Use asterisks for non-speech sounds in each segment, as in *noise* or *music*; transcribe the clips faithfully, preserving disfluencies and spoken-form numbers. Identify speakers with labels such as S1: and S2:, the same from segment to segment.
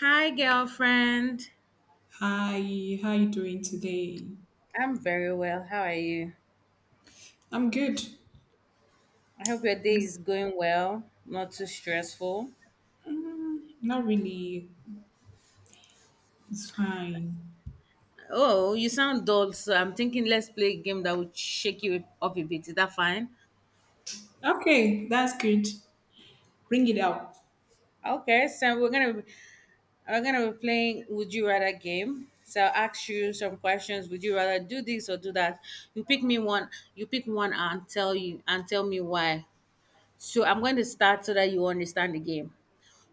S1: Hi, girlfriend.
S2: Hi, how you doing today?
S1: I'm very well. How are you?
S2: I'm good.
S1: I hope your day is
S2: It's,
S1: going well, not too stressful.
S2: mm, not really. It's fine.
S1: Oh, you sound dull, so I'm thinking let's play a game that would shake you up a bit. Is that fine?
S2: Okay, that's good. Bring it out.
S1: Okay, so we're gonna be, we're gonna be playing Would You Rather game. So I'll ask you some questions. Would you rather do this or do that? You pick me one. You pick one and tell you and tell me why. So I'm going to start so that you understand the game.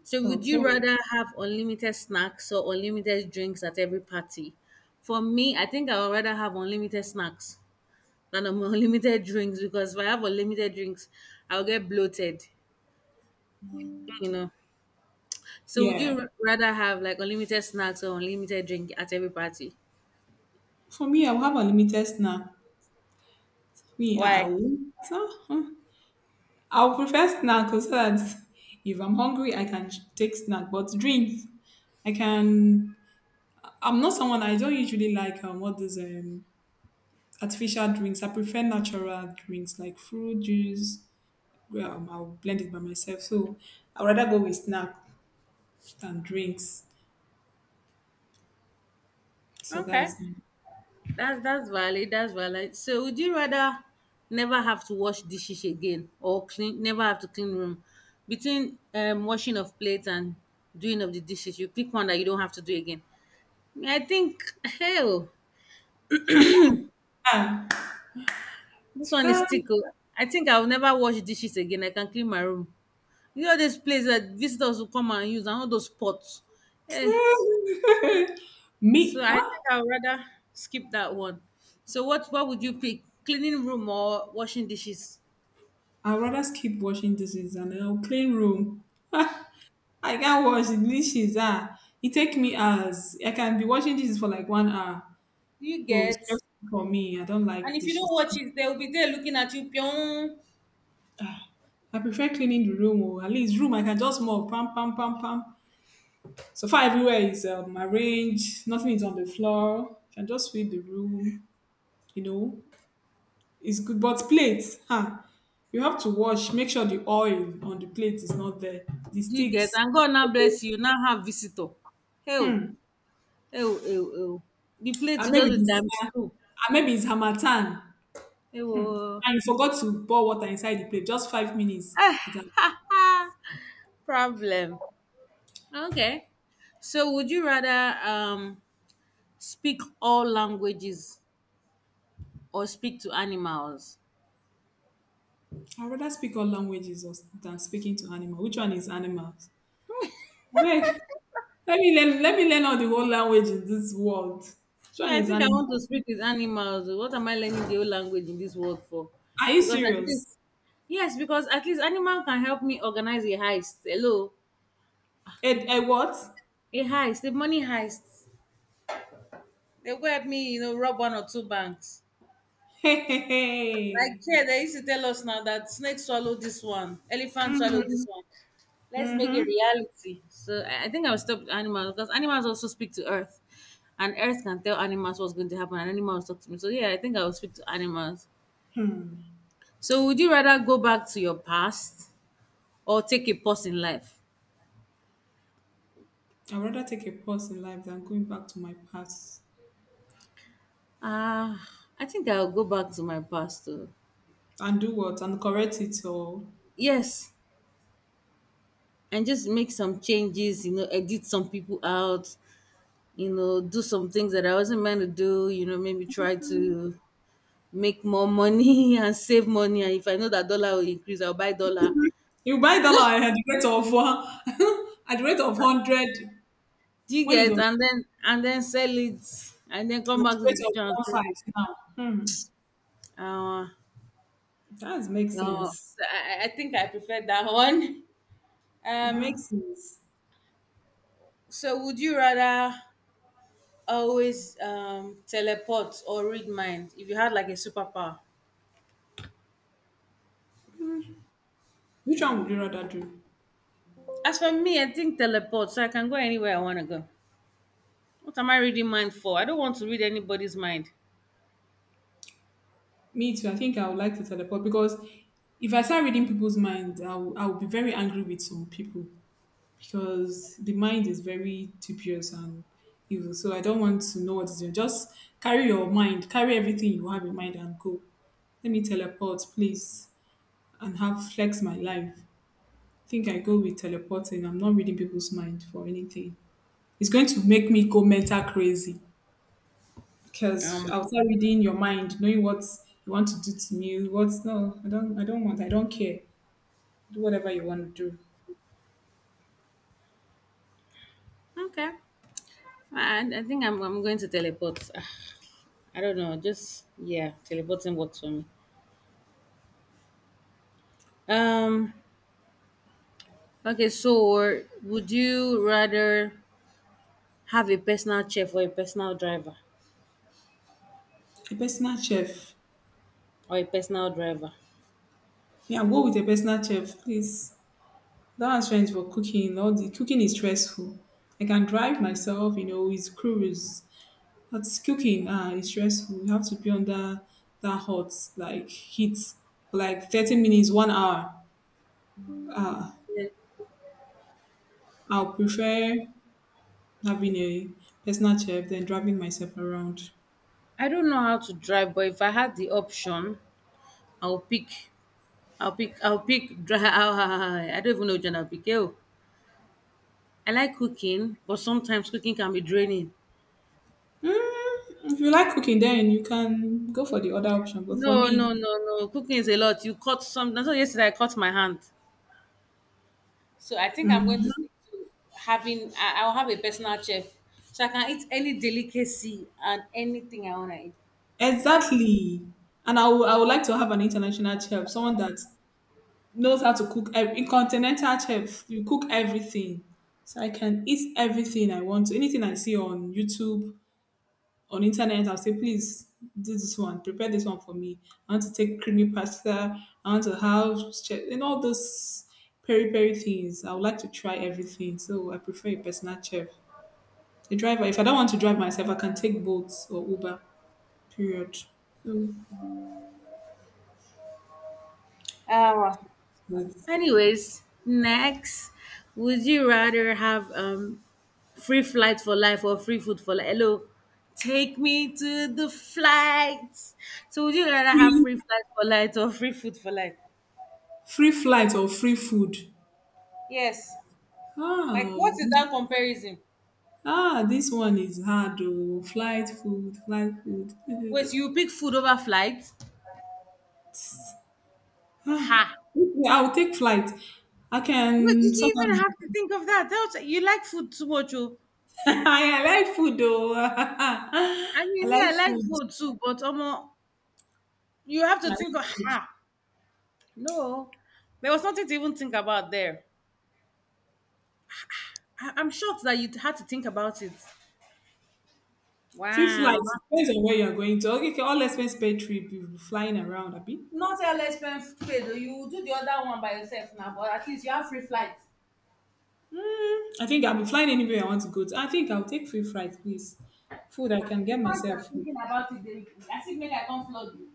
S1: So would you
S2: Okay.
S1: rather have unlimited snacks or unlimited drinks at every party? For me, I think I would rather have unlimited snacks than um, *laughs* unlimited drinks because if I have unlimited drinks, I'll get bloated, you know. So would
S2: Yeah.
S1: you r- rather have like unlimited snacks or unlimited drink at every party?
S2: For me, I'll have unlimited limited snack. Me, I
S1: Why?
S2: will. So, huh. I'll prefer snack because that if I'm hungry, I can take snack. But drinks, I can. I'm not someone, I don't usually like um, what is um artificial drinks. I prefer natural drinks like fruit juice. um, I'll blend it by myself. So I'd rather go with snacks than drinks. So
S1: Okay.
S2: that's
S1: That's that's valid, that's valid. So would you rather never have to wash dishes again or clean never have to clean room? Between um washing of plates and doing of the dishes, you pick one that you don't have to do again. I think hell,
S2: ah,
S1: this one is
S2: can't.
S1: tickle. I think I'll never wash dishes again. I can clean my room. You know this place that visitors will come and use and all those pots. Eh,
S2: *laughs*
S1: so
S2: Me.
S1: I
S2: Ah,
S1: think I'd rather skip that one. So what what would you pick? Cleaning room or washing dishes?
S2: I'd rather skip washing dishes and I'll clean room. I can't wash the dishes. Ah, it take me hours. I can be washing dishes for like one hour.
S1: You
S2: So it's
S1: get.
S2: stressful for me. I don't
S1: And
S2: like
S1: if you don't
S2: dishes.
S1: watch it, they'll be there looking at you. Pyong.
S2: I prefer cleaning the room, or at least room I can just mop, pam, pam, pam, pam. So far everywhere is um, arranged, nothing is on the floor. You can just sweep the room. You know, it's good, but plates, huh, you have to wash, make sure the oil on the plate is not there, the
S1: Do you get?
S2: sticks,
S1: And God now bless you. You now have visitor. Hey, oh, hey, oh, hey, oh, hey, oh. The plate
S2: and
S1: will
S2: maybe
S1: just be
S2: this,
S1: times
S2: and
S1: two.
S2: maybe it's harmattan,
S1: Hey, oh.
S2: and you forgot to pour water inside the plate just five minutes, it has-
S1: *laughs* Problem. Okay. So, would you rather um speak all languages or speak to animals?
S2: I'd rather speak all languages os- than speaking to animal. Which one is animals? Abeg, let me learn let me learn all the whole language in this world. Which
S1: Me,
S2: one
S1: I
S2: is
S1: think I want to
S2: animal?
S1: speak with animals. What am I learning the whole language in this world for?
S2: Are you
S1: Because at
S2: serious?
S1: least, yes, because at least animal can help me organize a heist. Hello,
S2: A, a what?
S1: a heist, the money heists. They go help me, you know, rob one or two banks.
S2: *laughs* Hey, hey,
S1: Like
S2: hey.
S1: here, they used to tell us now that snake swallow this one, elephant swallow this one. Let's make it
S2: Mm-hmm.
S1: reality. So I I think I will stop with animals because animals also speak to earth, and earth can tell animals what's going to happen, and animals talk to me. So yeah, I think I will speak to animals. So would you rather go back to your past or take a pause in life?
S2: I'd rather take a pause in life than going back to my past
S1: Ah, I think I'll go back to my past. Too.
S2: and do what and correct it, or
S1: Yes, and just make some changes, you know, edit some people out, you know, do some things that I wasn't meant to do, you know, maybe try to make more money *laughs* and save money. And if I know that dollar will increase, I'll buy dollar.
S2: you buy dollar at the rate of one *laughs* at the rate of hundred
S1: Do you
S2: when it
S1: get
S2: was
S1: and then and then sell it and then
S2: at
S1: come
S2: the
S1: back to the
S2: rate of
S1: future and
S2: one
S1: sell it.
S2: five now. Hmm,
S1: Uh,
S2: that makes
S1: no,
S2: sense.
S1: so I, I I think I prefer that one.
S2: It
S1: Um,
S2: makes sense.
S1: so would you rather always um, teleport or read mind if you had like a superpower?
S2: Which one would you rather do?
S1: As for me, I think teleport, so I can go anywhere I want to go. What am I reading mind for? I don't want to read anybody's mind.
S2: Me too. I think I would like to teleport because if I start reading people's minds, I will, I will be very angry with some people, because the mind is very dubious and evil. So I don't want to know what is there. Just carry your mind, carry everything you have in mind and go. Let me teleport, please, and have flex my life. I think I go with teleporting. I'm not reading people's mind for anything. It's going to make me go mental crazy because
S1: Um,
S2: I'll start reading your mind, knowing what you want to do to me. What's no, I don't, I don't want. I don't care. Do whatever you want to do.
S1: okay. I, I think I'm, I'm going to teleport. Ah, I don't know. Just, yeah, teleporting works for me. Um, okay, so would you rather have a personal chef or a personal driver?
S2: A personal chef.
S1: Or a personal driver?
S2: Yeah, go with a personal chef, please. That has for cooking. All the cooking is stressful. I can drive myself, you know, with cruise. But cooking ah, is stressful. You have to be under that hot like heat for like thirty minutes, one hour. Ah,
S1: Yeah.
S2: I'll prefer having a personal chef than driving myself around.
S1: I don't know how to drive, but if I had the option, I'll pick. I'll pick. I'll pick. Dri- *laughs* I don't even know which one I'll pick. Oh, I like cooking, but sometimes cooking can be draining.
S2: If you like cooking, then you can go for the other option. But for
S1: No, no,
S2: me,
S1: no, no. Cooking is a lot. You cut some. That's why yesterday I cut my hand. So I think I'm going to
S2: mhm,
S1: stick to having. I, I'll have a personal chef, so I can eat any delicacy and anything I wanna eat.
S2: exactly. And I would I would like to have an international chef, someone that knows how to cook ev- in continental chef. You cook everything, so I can eat everything I want to. Anything I see on YouTube, on internet, I'll say please do this one, prepare this one for me. I want to take creamy pasta. I want to have che- and all those peri peri things. I would like to try everything. So I prefer a personal chef. A driver, if I don't want to drive myself, I can take boats or Uber, period. So,
S1: Uh,
S2: like,
S1: anyways, next, would you rather have um free flight for life or free food for life? Hello, take me to the flight. So would you rather have
S2: free
S1: free flight for life or free food for life?
S2: free flight or free food?
S1: Yes. Like, what
S2: Oh,
S1: is
S2: this,
S1: that comparison?
S2: ah, this one is hard, oh. Flight, food, flight, food.
S1: Wait,
S2: *laughs*
S1: you pick food over flight? Ha!
S2: I will take flight. I
S1: Wait, did
S2: can sort
S1: you
S2: out
S1: even have to
S2: my-
S1: think of that? That was- you like food too much, oh.
S2: *laughs* I like food though. *laughs* I
S1: I mean, me,
S2: like
S1: I like
S2: food.
S1: food too, but um, you have
S2: I
S1: to think
S2: like
S1: of
S2: food.
S1: ha. No, there was nothing to even think about there. I, I'm shocked that you had to think about it.
S2: Free flight
S1: Wow.
S2: depends on where you're going to. Okay, okay, all expense paid trip. You'll be flying around, Abi.
S1: Not L S pen paid. Oh, you do the other one by yourself now, but at least you have free flights.
S2: Mm, I think I'll be flying anywhere I want to go to. I think I'll take free flight, please. Food, I
S1: Ah,
S2: can
S1: the
S2: get
S1: fact you are
S2: myself food.
S1: thinking about it, they, as if make I can't flood you.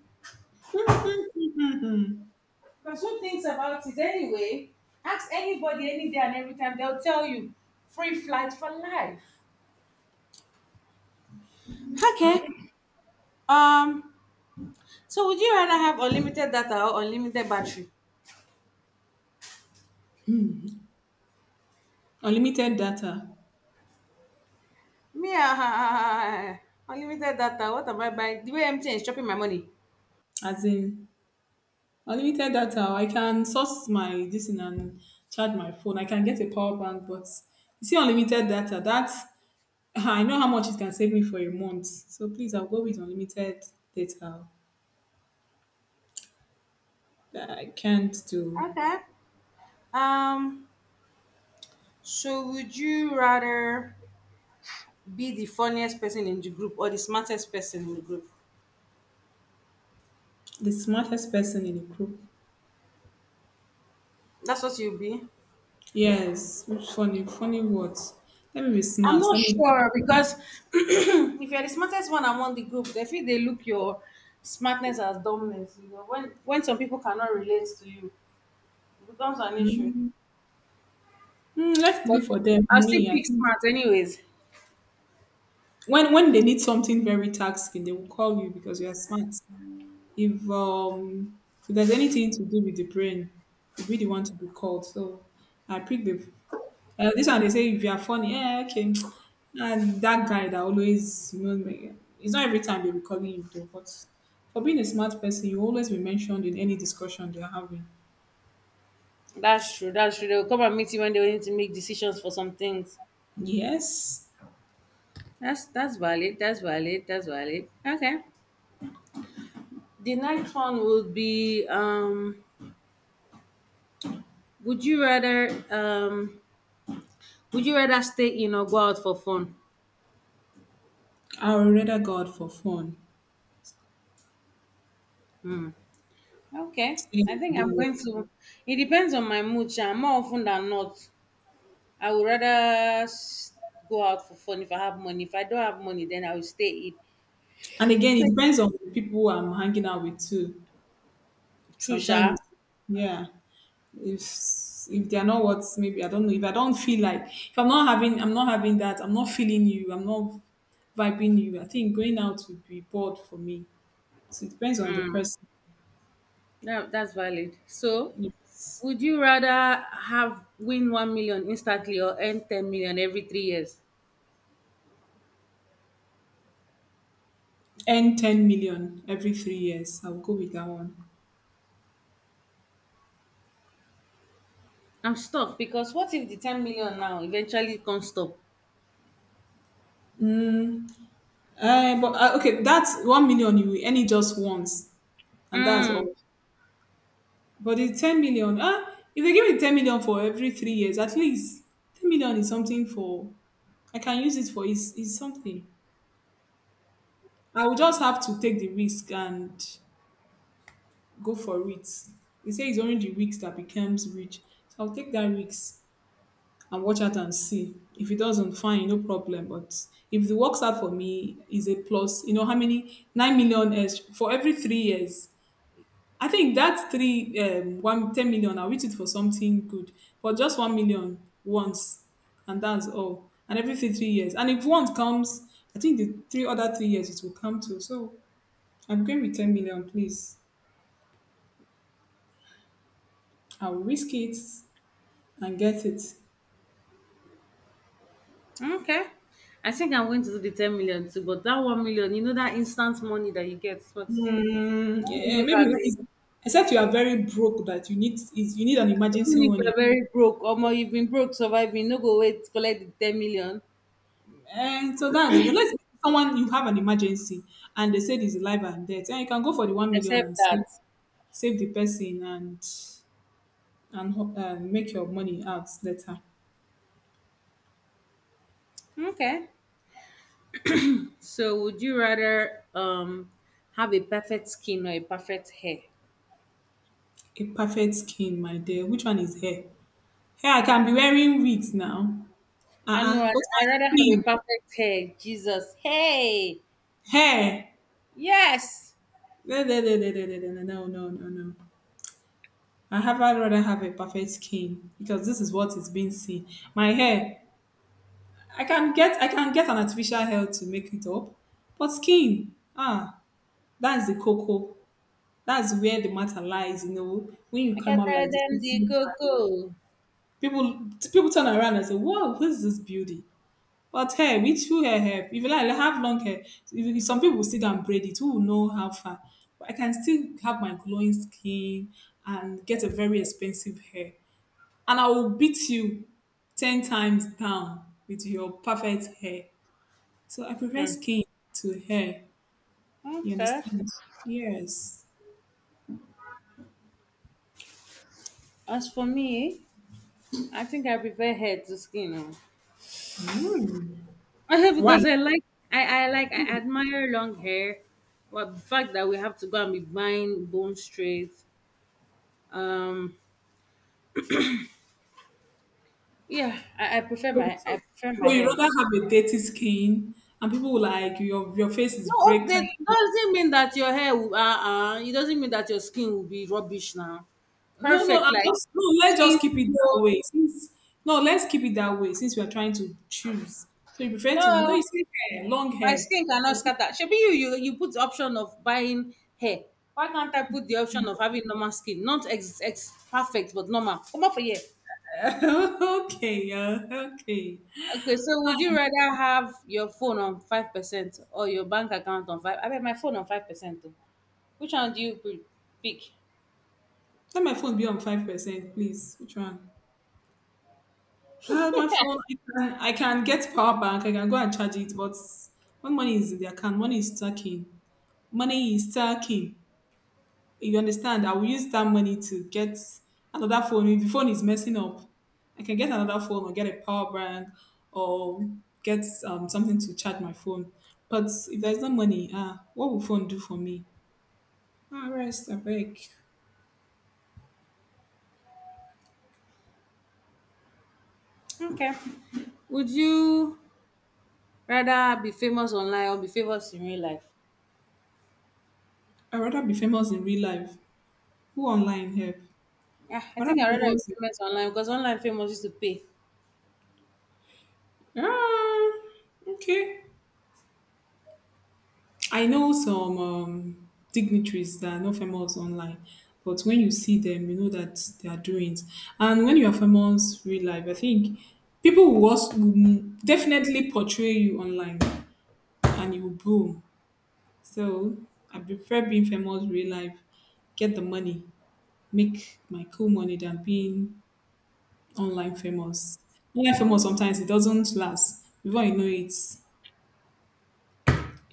S1: Pursue things about it anyway. Ask anybody any day and every time, they'll tell you free flight for life. Okay.
S2: Uh,
S1: Um. So would you rather have unlimited data or unlimited battery?
S2: unlimited data,
S1: Me, ah, ah, ah, ah, ah, ah. Unlimited data. What am I buying? The way M T N is chopping my money.
S2: as in, unlimited data, I can source my this thing and charge my phone. I can get a power bank, but you see unlimited data, that I know how much it can save me for a month. So please, I'll go with unlimited data. I can't do
S1: Okay. Um. So would you rather be the funniest person in the group or the smartest person in the group?
S2: the smartest person in the group.
S1: That's what you'll be.
S2: Yes, which funny, funny words. Let me be
S1: I'm
S2: smart.
S1: not
S2: Let me.
S1: sure because *clears throat* if you're the smartest one among the group, they feel they look your smartness as dumbness. You know, when when some people cannot relate to you, it becomes an issue.
S2: Mm, mm, let it be
S1: But
S2: for them.
S1: I still
S2: Me, I
S1: pick
S2: think
S1: smart, anyways.
S2: when when they need something very taxing, they will call you because you are smart. If um if there's anything to do with the brain, you'll be the one to be called. So I pick the uh, this one. They say if you are funny, yeah, okay. *tsk* And that guy that always you know me- it's not every time they'll be calling you though, but for being a smart person, you always be mentioned in any discussion they're having.
S1: That's true. That's true. They'll come and meet you when they need to make decisions for some things.
S2: Yes,
S1: That's that's valid. That's valid. That's valid. Okay. The next one would be: um, would you rather um, Would you rather stay in or go out for fun?
S2: I would rather go out for fun.
S1: Hmm. Okay,
S2: Stay
S1: I
S2: and
S1: think
S2: do
S1: I'm
S2: work.
S1: going to. It depends on my mood. Sha. More often than not, I would rather s- go out for fun if I have money. If I don't have money, then I will stay in.
S2: And again, it
S1: Okay.
S2: depends on the people I'm hanging out with too.
S1: True,
S2: Sometimes,
S1: Sha.
S2: yeah, if if they're not what, maybe I don't know, if I don't feel like, if I'm not having I'm not having that, I'm not feeling you, I'm not vibing you, I think going out would be bored for me. So it depends on the person,
S1: No, that's valid. So,
S2: yes.
S1: would you rather have win one million instantly or earn ten million every three years?
S2: And ten million every three years, I'll go with that one.
S1: I'm stuck because what if the ten million now eventually can't stop?
S2: Uh, but uh, okay, that's one million, you will earn it just once and that's
S1: Mm,
S2: all. But the ten million, ah, if they give me ten million for every three years, at least ten million is something for, I can use it for, is is something. I will just have to take the risk and go for it. They say it's only the risk that becomes rich. So I'll take that risk and watch out and see. If it doesn't, fine, no problem. But if it works out for me, is a plus. You know how many nine million is for every three years. I think that three um one ten million I'll use it for something good. But just one million once and that's all. And every three three years. And if one comes, I think the three other three years it will come too. So upgrade with ten million, please. I'll risk it and get it.
S1: okay. I think I'm going to do the ten million too, but that one million, you know, that instant money that you get, what?
S2: Hmm,
S1: When you
S2: eh,
S1: look
S2: maybe
S1: at
S2: when
S1: the.
S2: it's- except you are very broke, that you need is, you need an emergency
S1: Even if
S2: money.
S1: you're very broke, or more, you've been broke surviving, no go wait, collect the ten million,
S2: And so that's it. Unless someone, you have an emergency and they say it's life and death, and you can go for the one million
S1: except
S2: and save
S1: that.
S2: save the person, and and ho- uh, make your money out later.
S1: Okay. So would you rather um have a perfect skin or a perfect hair?
S2: A perfect skin, my dear. Which one is hair? Hair, I can be wearing wigs now.
S1: I know
S2: Uh uh
S1: I'd,
S2: But
S1: I'd
S2: my
S1: rather have a
S2: skin,
S1: perfect hair, Jesus. Hey,
S2: hair.
S1: yes.
S2: No, no, no, no, no, no, no, no, no, no, no, no. I have I'd rather have a perfect skin, because this is what is being seen. My hair, I can get I can get an artificial hair to make it up, but skin, ah, that's the cocoa. That's where the matter lies. You know, when you
S1: I can
S2: come out
S1: tell
S2: like this,
S1: them the
S2: people
S1: cocoa.
S2: people people turn around and say, "Wow, who's this beauty?" But hair, which full hair help? If you like have long hair, if, if some people still can braid it, who will know how far? But I can still have my glowing skin and get a very expensive hair. And I will beat you ten times down with your perfect hair. So I prefer
S1: Hmm.
S2: skin to hair. You
S1: Okay.
S2: understand? Yes.
S1: As for me, I think I prefer hair to skin, oh.
S2: Mm.
S1: *laughs*
S2: Why?
S1: Because I like I, I like I admire long hair. Well, the fact that we have to go and be buying bone straight. Um, yeah, I, I prefer
S2: So,
S1: my I
S2: so,
S1: prefer my
S2: so you
S1: hair.
S2: rather have a dirty skin and people will like, your your face is
S1: No, oh, that
S2: breaking.
S1: doesn't mean that your hair will. Uh, uh, it doesn't mean that your skin will be rubbish now.
S2: No, no,
S1: Perfect,
S2: I'm
S1: like
S2: just no. Let's
S1: skin
S2: just keep it
S1: glow.
S2: that way. Since no, let's keep it that way. Since we are trying to choose, so you prefer to no.
S1: No,
S2: You say hair, long
S1: my
S2: hair.
S1: skin cannot scatter. Should be you, you. You put the option of buying hair. Why can't I put the option of having normal skin? Not ex, ex perfect, but normal. Come up for here.
S2: *laughs* Okay, yeah, okay.
S1: Okay, so would you rather have your phone on five percent or your bank account on five? I mean, my phone on five percent. Which one do you pre- pick?
S2: Let my phone be on five percent, please. Which one? Ah, my phone, I can, I can get power bank. I can go and charge it, but when money is in the account, money is stacking. Money is stacking. You understand, I will use that money to get another phone. If the phone is messing up, I can get another phone or get a power bank or get um, something to charge my phone. But if there's no money, ah what will phone do for me? Ah, rest, abeg.
S1: Okay. Would you rather be famous online or be famous in real life?
S2: I would rather be famous in real life. Who online help?
S1: Yeah, I
S2: I rather
S1: think
S2: be
S1: I'd rather be
S2: famous in-
S1: famous online because online famous used to pay.
S2: ah, okay, I know some um, dignitaries that are not famous online, but when you see them, you know that they are doings. And when you are famous real life, I think people will, also, will definitely portray you online and you will boom. So I prefer being famous real life, get the money, make my cool money than being online famous. Online famous sometimes it doesn't last. Before you know it,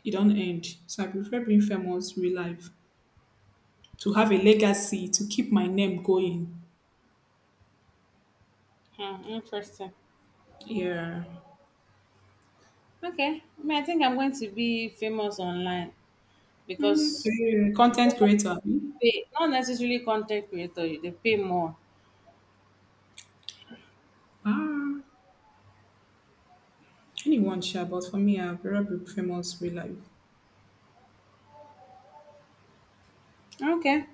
S2: it don't end. So I prefer being famous real life to have a legacy, to keep my name going.
S1: Hmm, interesting.
S2: Yeah.
S1: Okay. I mean, I think I'm going to be famous online
S2: Mm, so
S1: because
S2: yeah, content
S1: those ones
S2: creator,
S1: that
S2: abi?
S1: pay, not necessarily content creator, they pay more.
S2: Ah, anyone share? But for me, I'd rather be famous real life.
S1: Okay.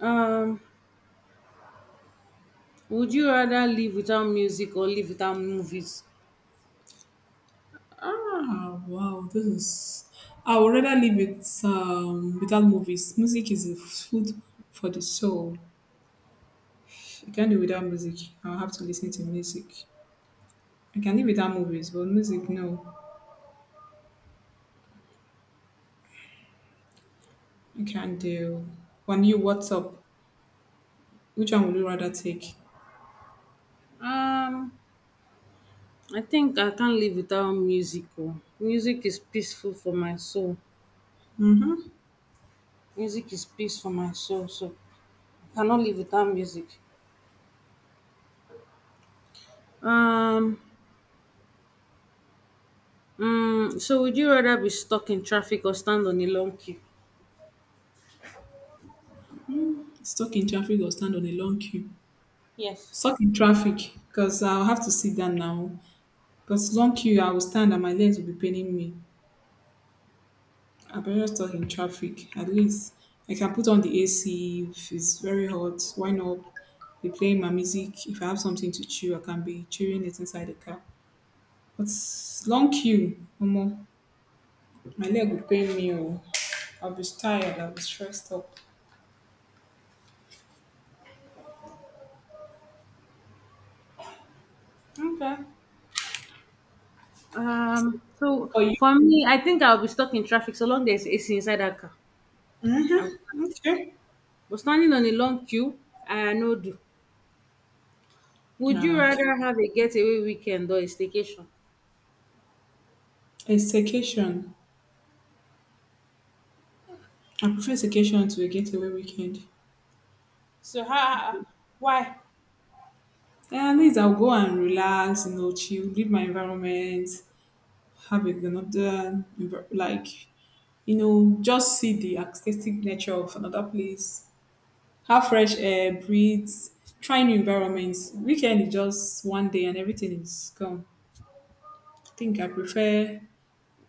S1: Um, would you rather live without music or live without movies?
S2: Ah, wow, this is. I would rather live with um without movies. Music is the food for the soul. I can't do without music. I'll have to listen to music. I can live without movies, but music, no, I can't do. When you, what's up? Which one would you rather take?
S1: Um, I think I can't live without music. Oh. Music is peaceful for my soul. Music is peace for my soul. So I cannot live without music. Um, mm, so would you rather be stuck in traffic or stand on a long queue?
S2: Stuck in traffic or stand on a long queue?
S1: Yes.
S2: Stuck in traffic because I'll have to sit down now. But long queue, I will stand and my legs will be paining me. I better stuck in traffic. At least I can put on the A C if it's very hot. Why not be playing my music? If I have something to chew, I can be chewing it inside the car. But long queue, Omo, my leg will pain me. Or I'll be tired. I'll be stressed up.
S1: Okay. Um, so
S2: Oh, you?
S1: for me, I think I'll be stuck in traffic so long there's A C inside that car. I'm,
S2: Mm-hmm. Okay.
S1: but standing on a long queue, I no do. Would you
S2: Ah, okay.
S1: rather have a getaway weekend or a staycation?
S2: A staycation. I prefer staycation to a getaway weekend.
S1: So how? Why?
S2: Yeah, at least I'll go and relax, you know, chill, leave my environment, have a- another, envi- like, you know, just see the aesthetic nature of another place, have fresh air, breathe, try new environments. Weekend is just one day and everything is gone. I think I prefer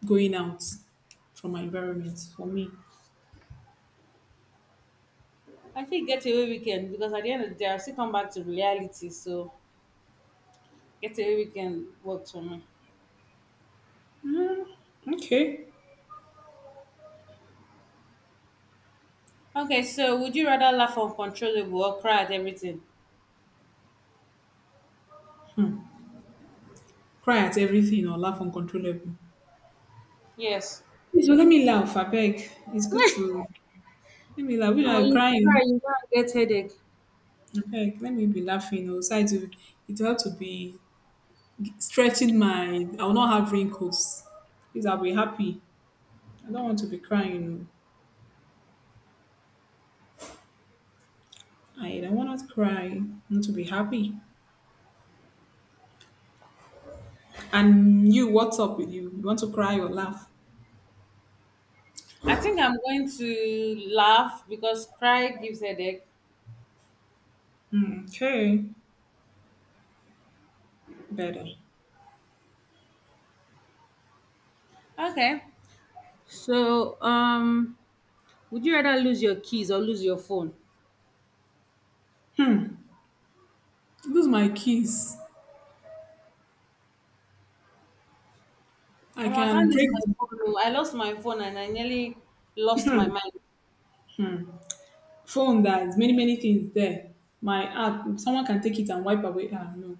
S2: going out from my environment for me.
S1: I think getaway weekend because at the end of the day, I still come back to reality. So getaway weekend works for me.
S2: Okay.
S1: Okay, so would you rather laugh uncontrollable or cry at everything?
S2: Cry at everything or laugh uncontrollable.
S1: Yes,
S2: Please don't let me laugh, I beg. It's good
S1: *laughs*
S2: to let me laugh. You know,
S1: oh,
S2: I'm
S1: you cry,
S2: crying.
S1: you go and get headache.
S2: Okay, let me be laughing. Also, it will, it will help to be stretching my. I will not have wrinkles. Please, I'll be happy. I don't want to be crying. No. I don't want to cry. I want to be happy. And you, what's up with you? You want to cry or laugh?
S1: I think I'm going to laugh because cry gives headache.
S2: Hmm, okay, better.
S1: Okay, so, um, would you rather lose your keys or lose your phone?
S2: Lose my keys. I
S1: Oh, I
S2: can
S1: can't use
S2: break
S1: my
S2: the
S1: phone, oh. I lost my phone and I nearly lost my mind.
S2: phone. There's many many things there. My app. Someone can take it and wipe away. Ah, no.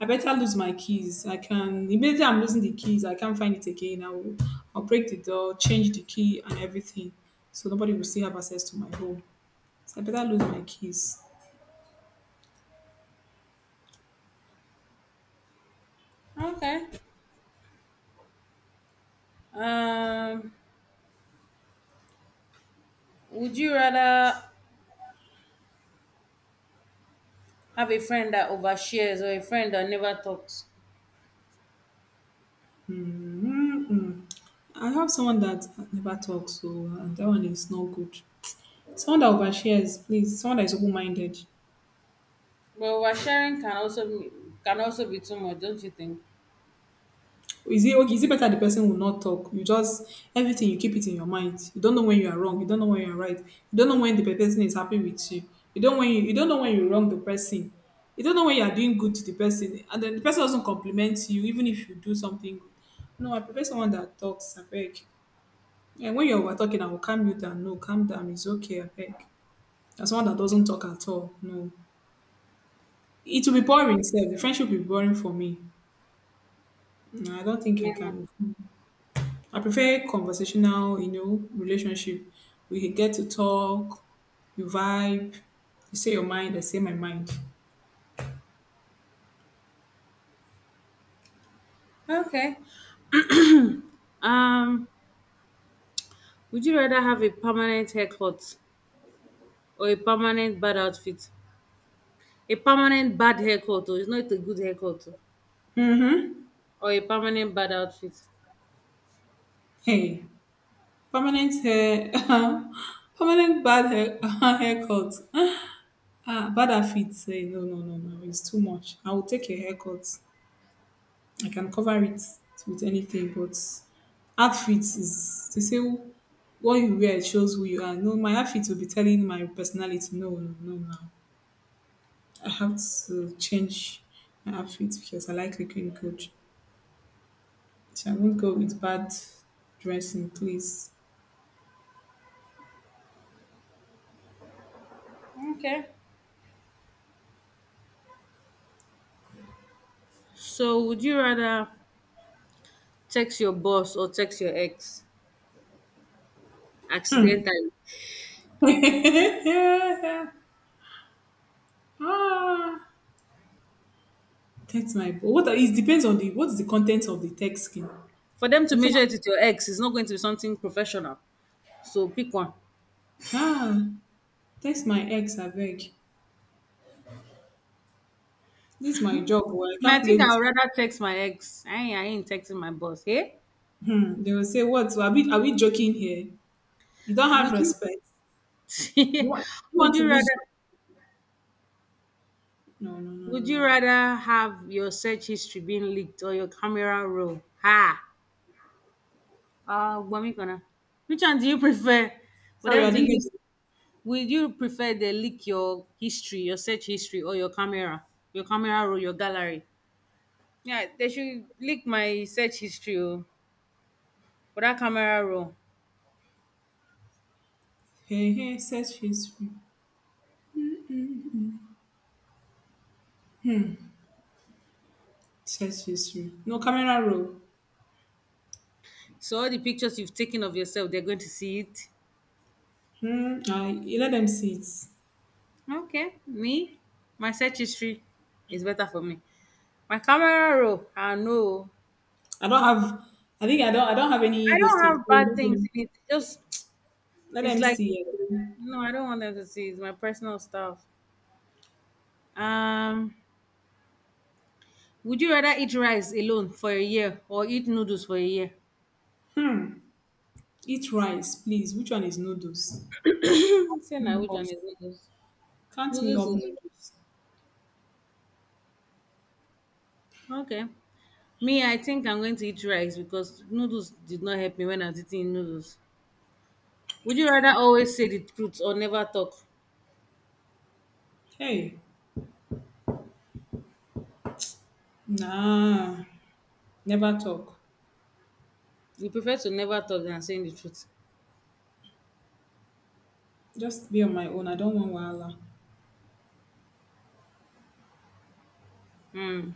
S2: I better lose my keys. I can immediately I'm losing the keys. I can't find it again. I will I'll break the door, change the key and everything. So nobody will still have access to my home. So I better lose my keys.
S1: Okay. Um, would you rather have a friend that overshares or a friend that never talks?
S2: Mm-mm. I have someone that never talks, so uh, that one is not good. Someone that overshares, please. Someone that is open minded.
S1: But oversharing can also be, can also be too much, don't you think?
S2: Is it okay? Is it better the person will not talk? You just everything you keep it in your mind. You don't know when you are wrong. You don't know when you are right. You don't know when the person is happy with you. You don't when you, you don't know when you wrong the person. You don't know when you are doing good to the person, and then the person doesn't compliment you even if you do something good. No, I prefer someone that talks. I beg. And when you're over talking, I will calm you down. No, calm down. It's okay. I beg. And someone that doesn't talk at all. No, it will be boring. Self. The friendship will be boring for me. No, I don't think I
S1: Yeah.
S2: can. I prefer conversational, you know, relationship. We get to talk, you vibe, you say your mind, I say my mind.
S1: Okay. Um, would you rather have a permanent haircut or a permanent bad outfit? A permanent bad haircut, oh, it's not a good haircut, oh,
S2: Mm-hmm.
S1: or a permanent bad outfit.
S2: Hey, permanent hair, *laughs* permanent bad hair, *laughs* haircut. Ah, bad outfit. Hey, no, no, no, no. It's too much. I will take a haircut. I can cover it with anything, but outfit is to say what you wear shows who you are. No, my outfit will be telling my personality. No, no, no, no. I have to change my outfit because I like looking good. So I won't go with bad dressing, please.
S1: Okay. So, would you rather text your boss or text your ex accidentally.
S2: *laughs* Ah, text my bo- what are- it depends on the what is the content of the text skin.
S1: For them to
S2: Before,
S1: measure it with your ex is not going to be something professional. So pick one.
S2: ah, text my ex, I beg. This is my job, well, I
S1: I, mean,
S2: can't
S1: I
S2: play
S1: think I would
S2: with.
S1: rather text my ex. I ain't, I ain't texting my boss. Hey,
S2: Hmm. They will say what? Are we are we joking here? You don't have
S1: would you?
S2: respect. You
S1: *laughs*
S2: want you
S1: would
S2: want to
S1: you
S2: lose
S1: rather?
S2: your—" No, no, no,
S1: Would
S2: no,
S1: you
S2: no.
S1: rather have your search history being leaked or your camera roll? Ha! Uh, Gwami Kona. Which one do you *laughs* prefer? For
S2: Sorry,
S1: them
S2: I
S1: to
S2: didn't
S1: leak,
S2: get it.
S1: would you prefer they leak your history, your search history, or your camera, your camera roll, your gallery? Yeah, they should leak my search history oh, for that camera roll.
S2: Hey hey, search history. Search history. No camera roll.
S1: So all the pictures you've taken of yourself, they're going to see it.
S2: Hmm. I you let them see it.
S1: Okay, me, my search history is better for me. My camera roll, I know.
S2: I don't have. I think I don't. I don't have any
S1: I
S2: this
S1: don't
S2: thing.
S1: have
S2: So
S1: bad
S2: let
S1: things
S2: them,
S1: in it. Just *tsk*
S2: let
S1: it's
S2: them
S1: like
S2: see it.
S1: no, I don't want them to see. It's my personal stuff. Um, would you rather eat rice alone for a year or eat noodles for a year?
S2: Eat rice, please. Which one is noodles?
S1: Say now,
S2: Me
S1: which one
S2: Off.
S1: is noodles?
S2: Can me
S1: Noodles
S2: off
S1: is
S2: noodles.
S1: okay. Me, I think I'm going to eat rice because noodles did not help me when I was eating noodles. Would you rather always say the truth or never talk?
S2: Hey, nah. Never talk.
S1: You prefer to never talk than saying the truth.
S2: Just be on my own. I don't want wahala.
S1: Hmm.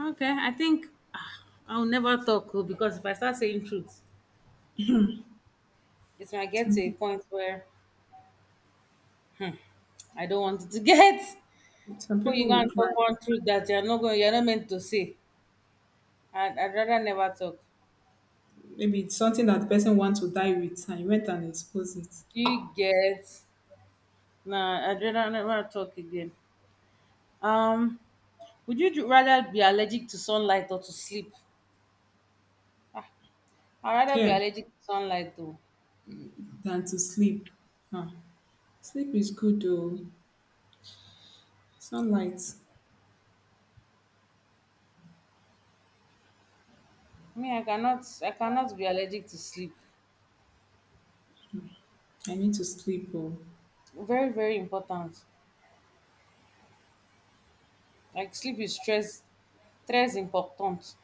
S1: Okay, I think ah, I'll never talk oh, because if I start saying truth, it might get to a
S2: Some,
S1: point where I don't want it to get.
S2: some
S1: Before you
S2: people
S1: go
S2: will
S1: and
S2: cry.
S1: talk one truth that you're not going, you're not meant to say. I'd, I'd rather never talk.
S2: Maybe it's something that the person wants to die with, and you went and exposed it.
S1: Do you get? Nah, I'd rather never talk again. Um, Would you ju- rather be allergic to sunlight or to sleep? I'd rather be
S2: Here,
S1: allergic to sunlight though.
S2: than to sleep. Huh. Sleep is good though. Sunlight.
S1: I mean, I cannot I cannot be allergic to sleep.
S2: I need to sleep. Oh.
S1: Very, very important. Like sleep is stress stress important.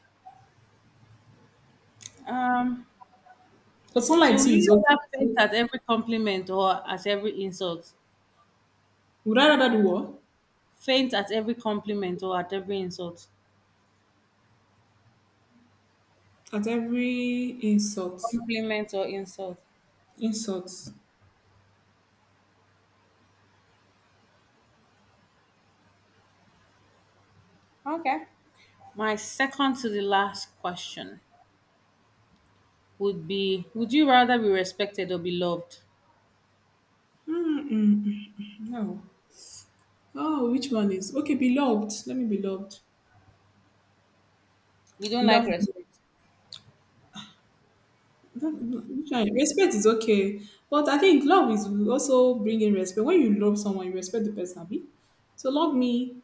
S1: Um
S2: But
S1: so
S2: sunlight
S1: would
S2: too is
S1: you
S2: okay
S1: rather faint
S2: too.
S1: at every compliment or at every insult?
S2: Would I rather do what?
S1: Faint at every compliment or at every insult.
S2: At every insult.
S1: Compliment or insult.
S2: Insult.
S1: Okay. My second to the last question would be: would you rather be respected or be loved?
S2: Mm-mm. No. Oh, which one is okay? Beloved. Let me be loved.
S1: You don't like
S2: Love.
S1: respect.
S2: Don't— Which one? Respect is okay, but I think love is also bringing respect. When you love someone, you respect the person, abi? So love me,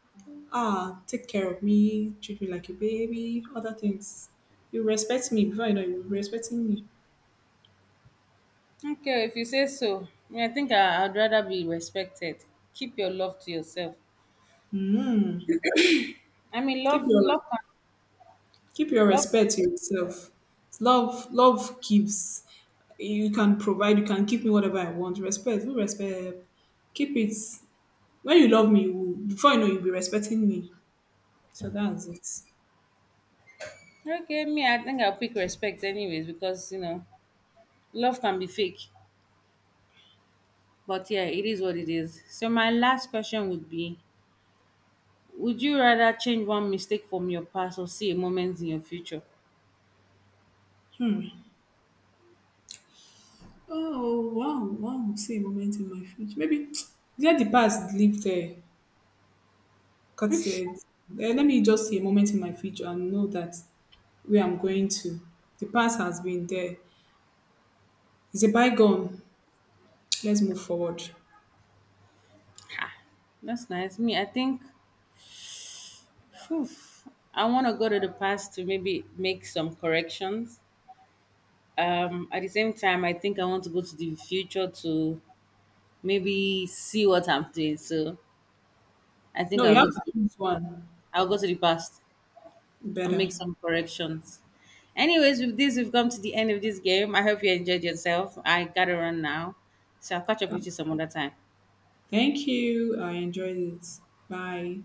S2: ah, take care of me, treat me like a baby, other things. You respect me before you know you were respecting me.
S1: Okay, if you say so. I, mean, I think I, I'd rather be respected. Keep your love to yourself.
S2: Mm.
S1: I mean,
S2: Keep
S1: love,
S2: your
S1: love, can,
S2: Keep your
S1: love. Can.
S2: respect to yourself. Love love gives. You can provide. You can give me whatever I want. Respect. Who respect? Keep it. When you love me, you before you know, you'll be respecting me. So that's it.
S1: Okay, me, I think I'll pick respect anyways because you know, love can be fake. But yeah, it is what it is. So my last question would be: would you rather change one mistake from your past or see a moment in your future?
S2: Oh wow, wow! See a moment in my future. Maybe *tsk* let the past live there. God said, eh, "Let me just see a moment in my future and know that where I'm going to. The past has been there. It's a bygone. *tsk* Let's move forward."
S1: That's nice. Me, I think, phew, I want to go to the past to maybe make some corrections, um at the same time I think I want to go to the future to maybe see what I'm doing. So I think
S2: No, you
S1: i'll
S2: have
S1: go
S2: to
S1: to
S2: choose one
S1: I'll go to the past and
S2: better.
S1: make some corrections. Anyways, with this we've come to the end of this game. I hope you enjoyed yourself. I gotta run now, so I'll catch up with you some other time.
S2: Thank you. I enjoyed it. Bye.